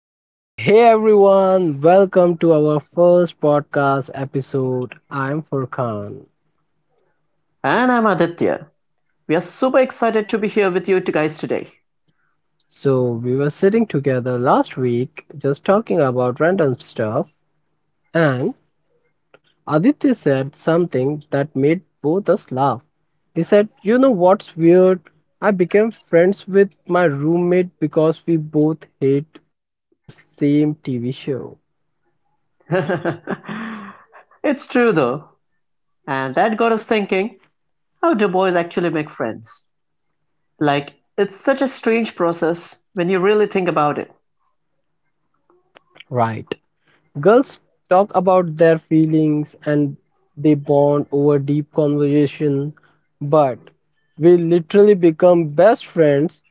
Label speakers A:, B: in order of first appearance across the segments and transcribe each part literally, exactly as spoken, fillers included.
A: So, hey everyone, welcome to our first podcast episode. I'm Furkan.
B: And I'm Aditya. We are super excited to be here with you to- guys today.
A: So, we were sitting together last week just talking about random stuff, and Aditya said something that made both us laugh. He said, "You know what's weird? I became friends with my roommate because we both hate the same T V show."
B: It's true though. And that got us thinking, how do boys actually make friends? Like, it's such a strange process when you really think about it.
A: Right. Girls talk about their feelings and they bond over deep conversation, but we literally become best friends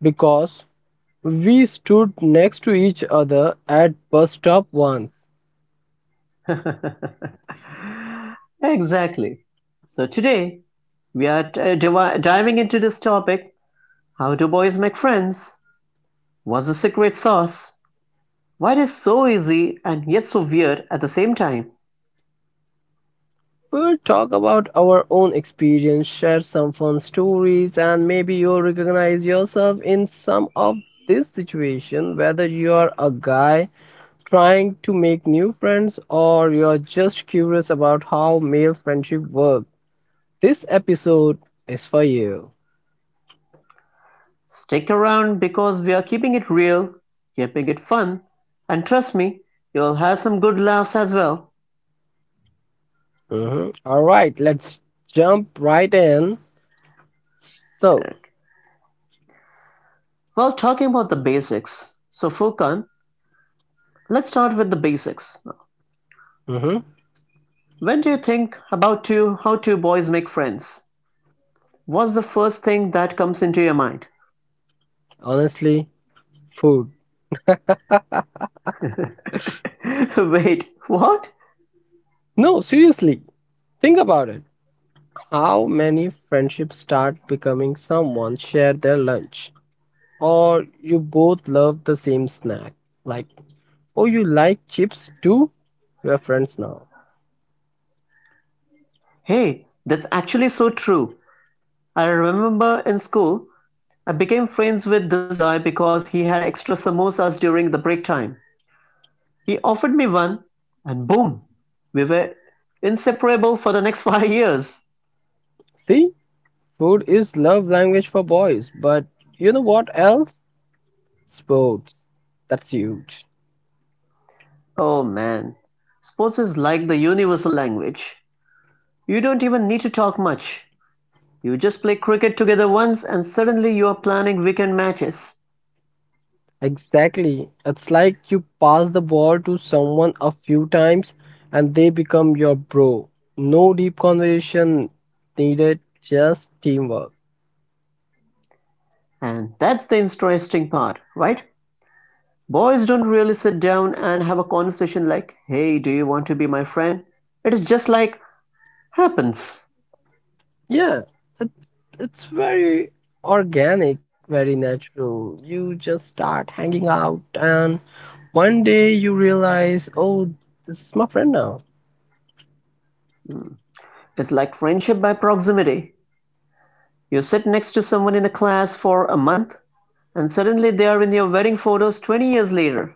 A: because we stood next to each other at bus stop once.
B: Exactly. So today, we are uh, divi- diving into this topic. How do boys make friends? What's the secret sauce? Why it is so easy and yet so weird at the same time?
A: We will talk about our own experience, share some fun stories, and maybe you'll recognize yourself in some of this situation, whether you are a guy trying to make new friends or you're just curious about how male friendship works. This episode is for you.
B: Stick around because we are keeping it real, keeping it fun, and trust me, you'll have some good laughs as well.
A: Mhm. All right, let's jump right in. So,
B: Well, talking about the basics. So Furkan, let's start with the basics.
A: mhm,
B: When do you think about two how two boys make friends? What's the first thing that comes into your mind?
A: honestly, food.
B: Wait, what?
A: No, seriously, think about it. How many friendships start becoming someone shared their lunch or you both love the same snack? Like, oh, you like chips too? We're friends now.
B: Hey, that's actually so true. I remember in school I became friends with this guy because he had extra samosas during the break time. He offered me one, and boom, we were inseparable for the next five years.
A: See? Food is love language for boys, but you know what else? Sports. That's huge.
B: Oh man, sports is like the universal language. You don't even need to talk much. You just play cricket together once, and suddenly you are planning weekend matches.
A: Exactly. It's like you pass the ball to someone a few times and they become your bro. No deep conversation needed, just teamwork.
B: And that's the interesting part, right? Boys don't really sit down and have a conversation like, hey, do you want to be my friend? It is just like happens.
A: Yeah, it's, it's very organic, very natural. You just start hanging out and one day you realize, oh, this is my friend now.
B: It's like friendship by proximity. You sit next to someone in the class for a month and suddenly they are in your wedding photos twenty years later.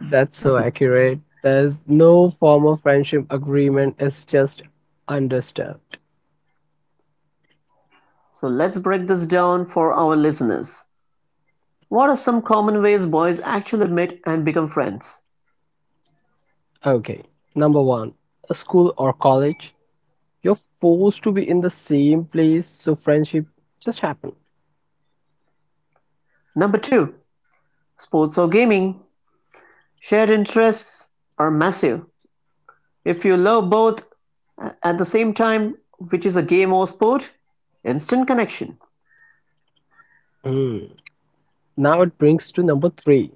A: That's so
B: So
A: accurate. There's no formal friendship agreement, it's just understood.
B: let's break this down for our listeners. What are some common ways boys actually meet and become friends?
A: Okay, number one, a school or college. You're forced to be in the same place, so friendship just happen.
B: Number two, sports or gaming. Shared interests are massive. If you love both at the same time, which is a game or sport, instant connection.
A: Hmm. Now it brings to number three.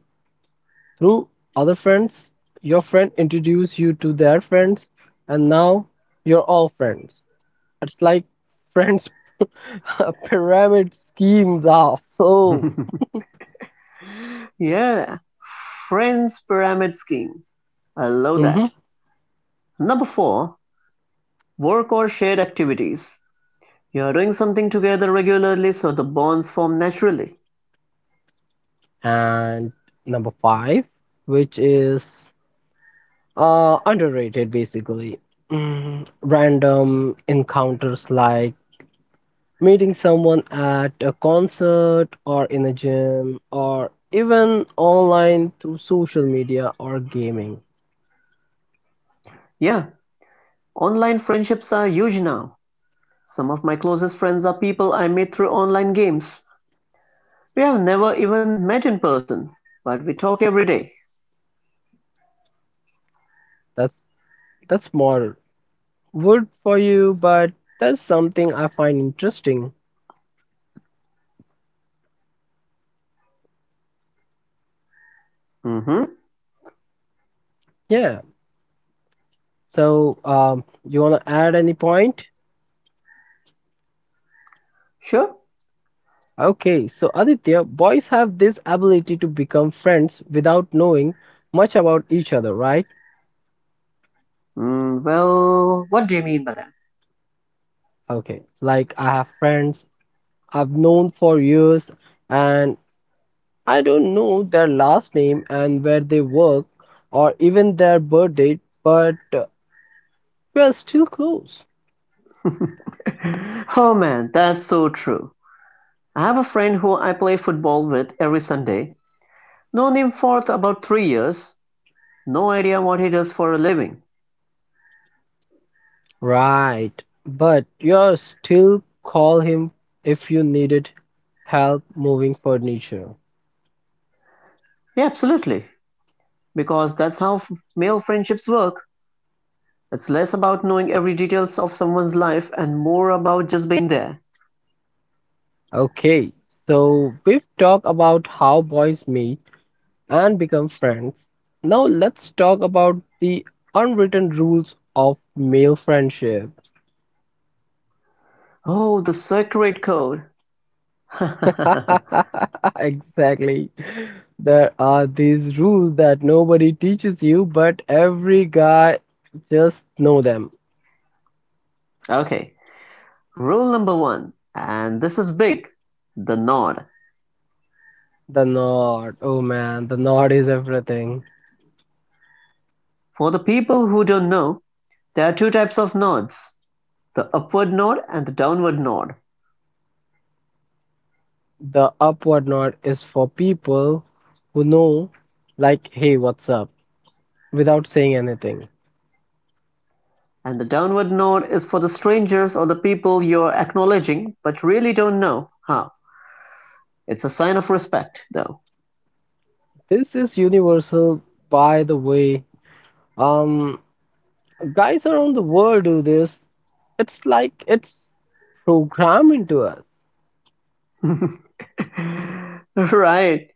A: Through other friends, your friend introduce you to their friends, and now you're all friends. It's like friends pyramid schemes are so.
B: Yeah, friends pyramid scheme. I love
A: Mhm.
B: that. Number four, work or shared activities. You are doing something together regularly, so the bonds form naturally.
A: And number five, which is uh, underrated basically. Mm, random encounters like meeting someone at a concert or in a gym or even online through social media or gaming.
B: Yeah, online friendships are huge now. Some of my closest friends are people I meet through online games. We have never even met in person, but we talk every day.
A: That's that's more wood for you, but that's something I find interesting.
B: Mm-hmm.
A: Yeah. So, um, you wanna add any point?
B: Sure.
A: Okay, so Aditya, boys have this ability to become friends without knowing much about each other, right?
B: Mm, well, what do you mean by that?
A: Okay, like I have friends I've known for years and I don't know their last name and where they work or even their birth date, but uh, we are still close.
B: Oh man, that's so true. I have a friend who I play football with every Sunday. Known him for th- about three years. No idea what he does for a living.
A: Right, but you still call him if you needed help moving furniture.
B: Yeah, absolutely. Because that's how f- male friendships work. It's less about knowing every details of someone's life and more about just being there.
A: Okay, so we've talked about how boys meet and become friends. Now, let's talk about the unwritten rules of male friendship.
B: Oh, the secret code.
A: Exactly. There are these rules that nobody teaches you, but every guy just know them.
B: Okay. Rule number one, and this is big, the nod.
A: The nod, oh man, the nod is everything.
B: For the people who don't know, there are two types of nods, the upward nod and the downward nod.
A: The upward nod is for people who know, like, hey, what's up, without saying anything.
B: And the downward nod is for the strangers or the people you're acknowledging but really don't know how. It's a sign of respect, though.
A: This is universal, by the way. Um, Guys around the world do this. It's like it's programmed into us.
B: Right.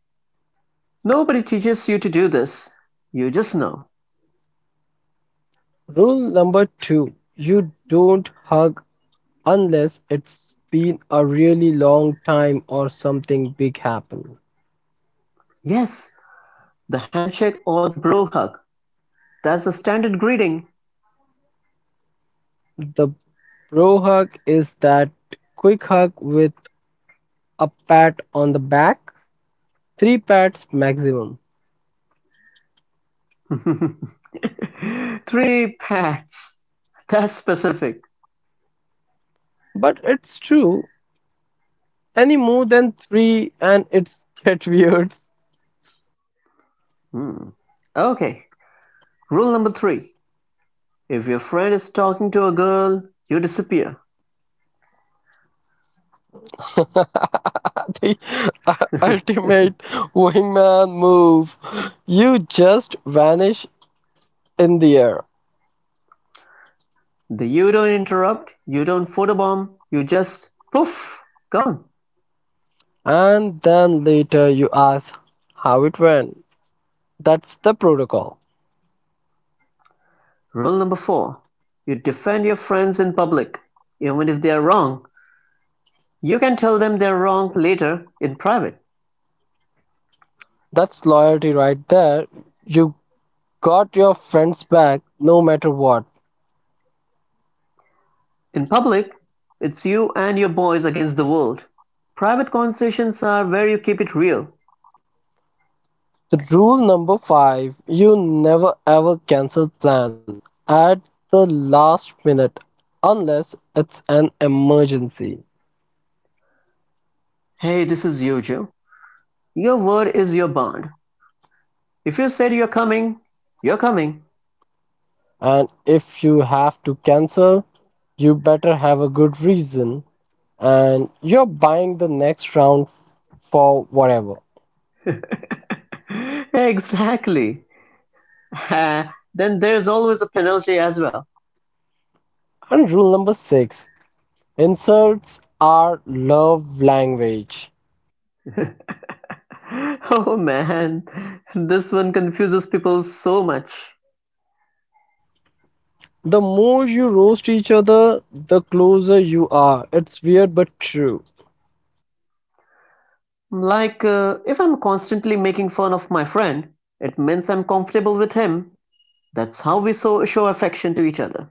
B: Nobody teaches you to do this. You just know.
A: Rule number two, you don't hug unless it's been a really long time or something big happened.
B: Yes, the handshake or the bro hug. That's the standard greeting.
A: The bro hug is that quick hug with a pat on the back, three pats maximum.
B: Three pats. That's specific.
A: But it's true, any more than three, and it's get weird.
B: Hmm. Okay. Rule number three. If your friend is talking to a girl, you disappear.
A: the u- ultimate wingman move. You just vanish in the air,
B: The you don't interrupt, you don't photobomb, you just poof, gone.
A: and then later you ask how it went. That's the protocol.
B: Rule number four. You defend your friends in public, even if they are wrong. You can tell them they're wrong later, in private.
A: That's loyalty right there. You got your friends back no matter what.
B: In public, it's you and your boys against the world. Private conversations are where you keep it real.
A: The rule number five, you never ever cancel plan at the last minute unless it's an emergency.
B: Hey, this is you, Joe. Your word is your bond. If you said you're coming, you're coming.
A: And if you have to cancel, you better have a good reason and you're buying the next round for whatever.
B: Exactly. Then there's always a penalty as well.
A: And rule number six, insults are love language.
B: Oh man, this one confuses people so much.
A: The more you roast each other, the closer you are. It's weird but true.
B: Like, uh, if I'm constantly making fun of my friend, it means I'm comfortable with him. That's how we so show affection to each other.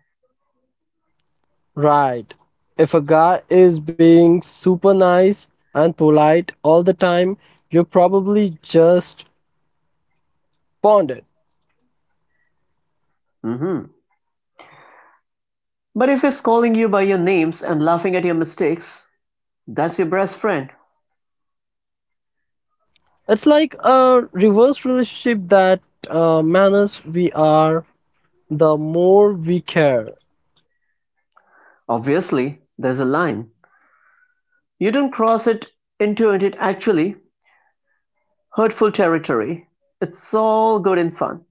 A: Right. If a guy is being super nice and polite all the time, you're probably just bonded.
B: Hmm. But if he's calling you by your names and laughing at your mistakes, that's your best friend.
A: It's like a reverse relationship that uh, manners we are, the more we care.
B: Obviously, there's a line. You don't cross it into it actually hurtful territory. It's all good and fun.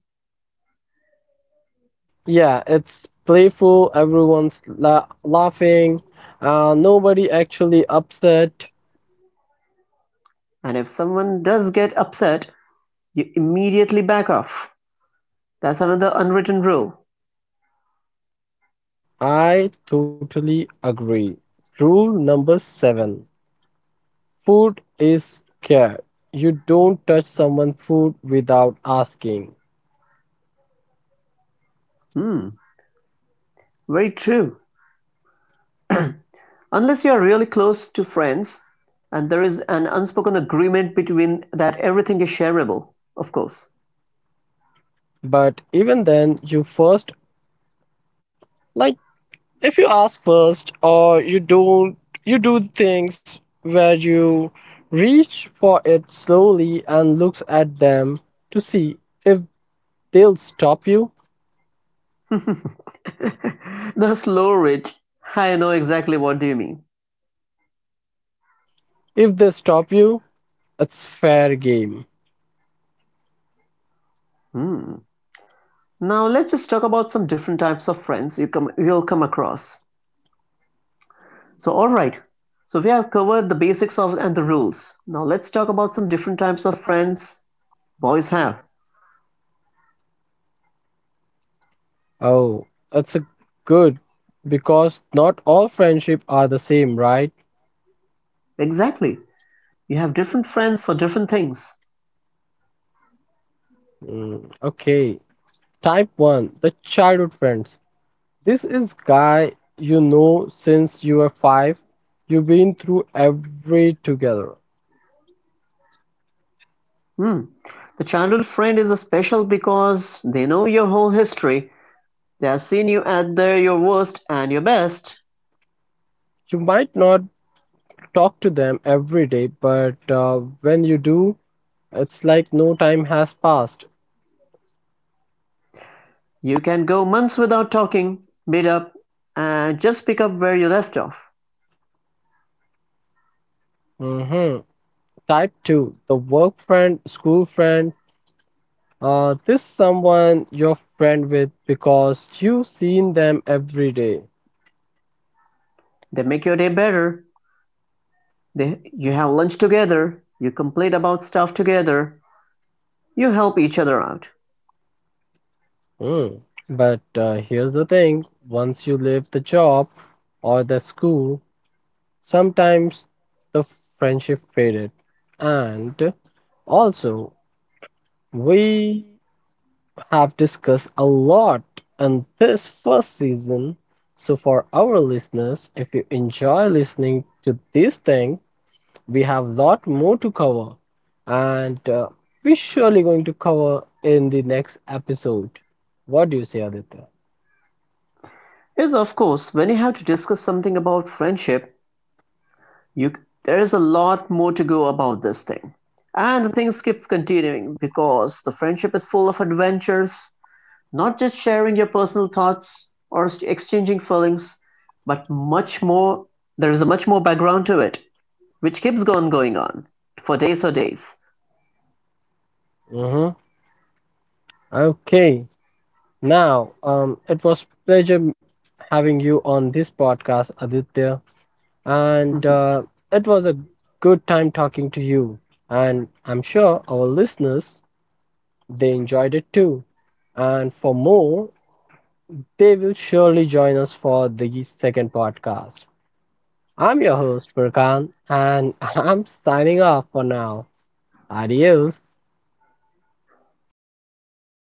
A: Yeah, it's playful, everyone's la- laughing, uh, nobody actually upset.
B: And if someone does get upset, you immediately back off. That's another unwritten rule.
A: I totally agree. Rule number seven, food is care. You don't touch someone's food without asking.
B: Hmm, very true. Unless you are really close to friends and there is an unspoken agreement between that everything is shareable, of course.
A: But even then, you first, like, if you ask first or you don't, you do things where you reach for it slowly and looks at them to see if they'll stop you.
B: The slow rich. I know exactly what you mean.
A: If they stop you, it's fair game.
B: Hmm. Now let's just talk about some different types of friends you come you'll come across. So all right. So we have covered the basics of and the rules. Now let's talk about some different types of friends boys have.
A: Oh, it's a good because not all friendship are the same, right?
B: Exactly. You have different friends for different things.
A: Mm, okay, type one, the childhood friends, this is guy you know since you were five, you've been through every together.
B: Hmm. The childhood friend is a special because they know your whole history. They have seen you at their your worst and your best.
A: You might not talk to them every day, but uh, when you do, it's like no time has passed.
B: You can go months without talking, meet up, and just pick up where you left off.
A: Hmm. Type two, the work friend, school friend. Uh, this someone you're friend with because you've seen them every day.
B: They make your day better. They, you have lunch together, you complain about stuff together, you help each other out.
A: Hmm. But uh, here's the thing, once you leave the job or the school, sometimes the friendship faded. And also, we have discussed a lot in this first season. So for our listeners, if you enjoy listening to this thing, we have a lot more to cover, and uh, we're surely going to cover in the next episode. What do you say, Aditya?
B: Yes, of course, when you have to discuss something about friendship, you there is a lot more to go about this thing. And the thing keeps continuing because the friendship is full of adventures, not just sharing your personal thoughts or exchanging feelings, but much more. There is a much more background to it, which keeps on going on for days or days.
A: Mm-hmm. Okay. Now, um, it was pleasure having you on this podcast, Aditya, and
B: Mhm.
A: uh, it was a good time talking to you. And I'm sure our listeners they enjoyed it too. And for more, they will surely join us for the second podcast. I'm your host, Furkan, and I'm signing off for now. Adios.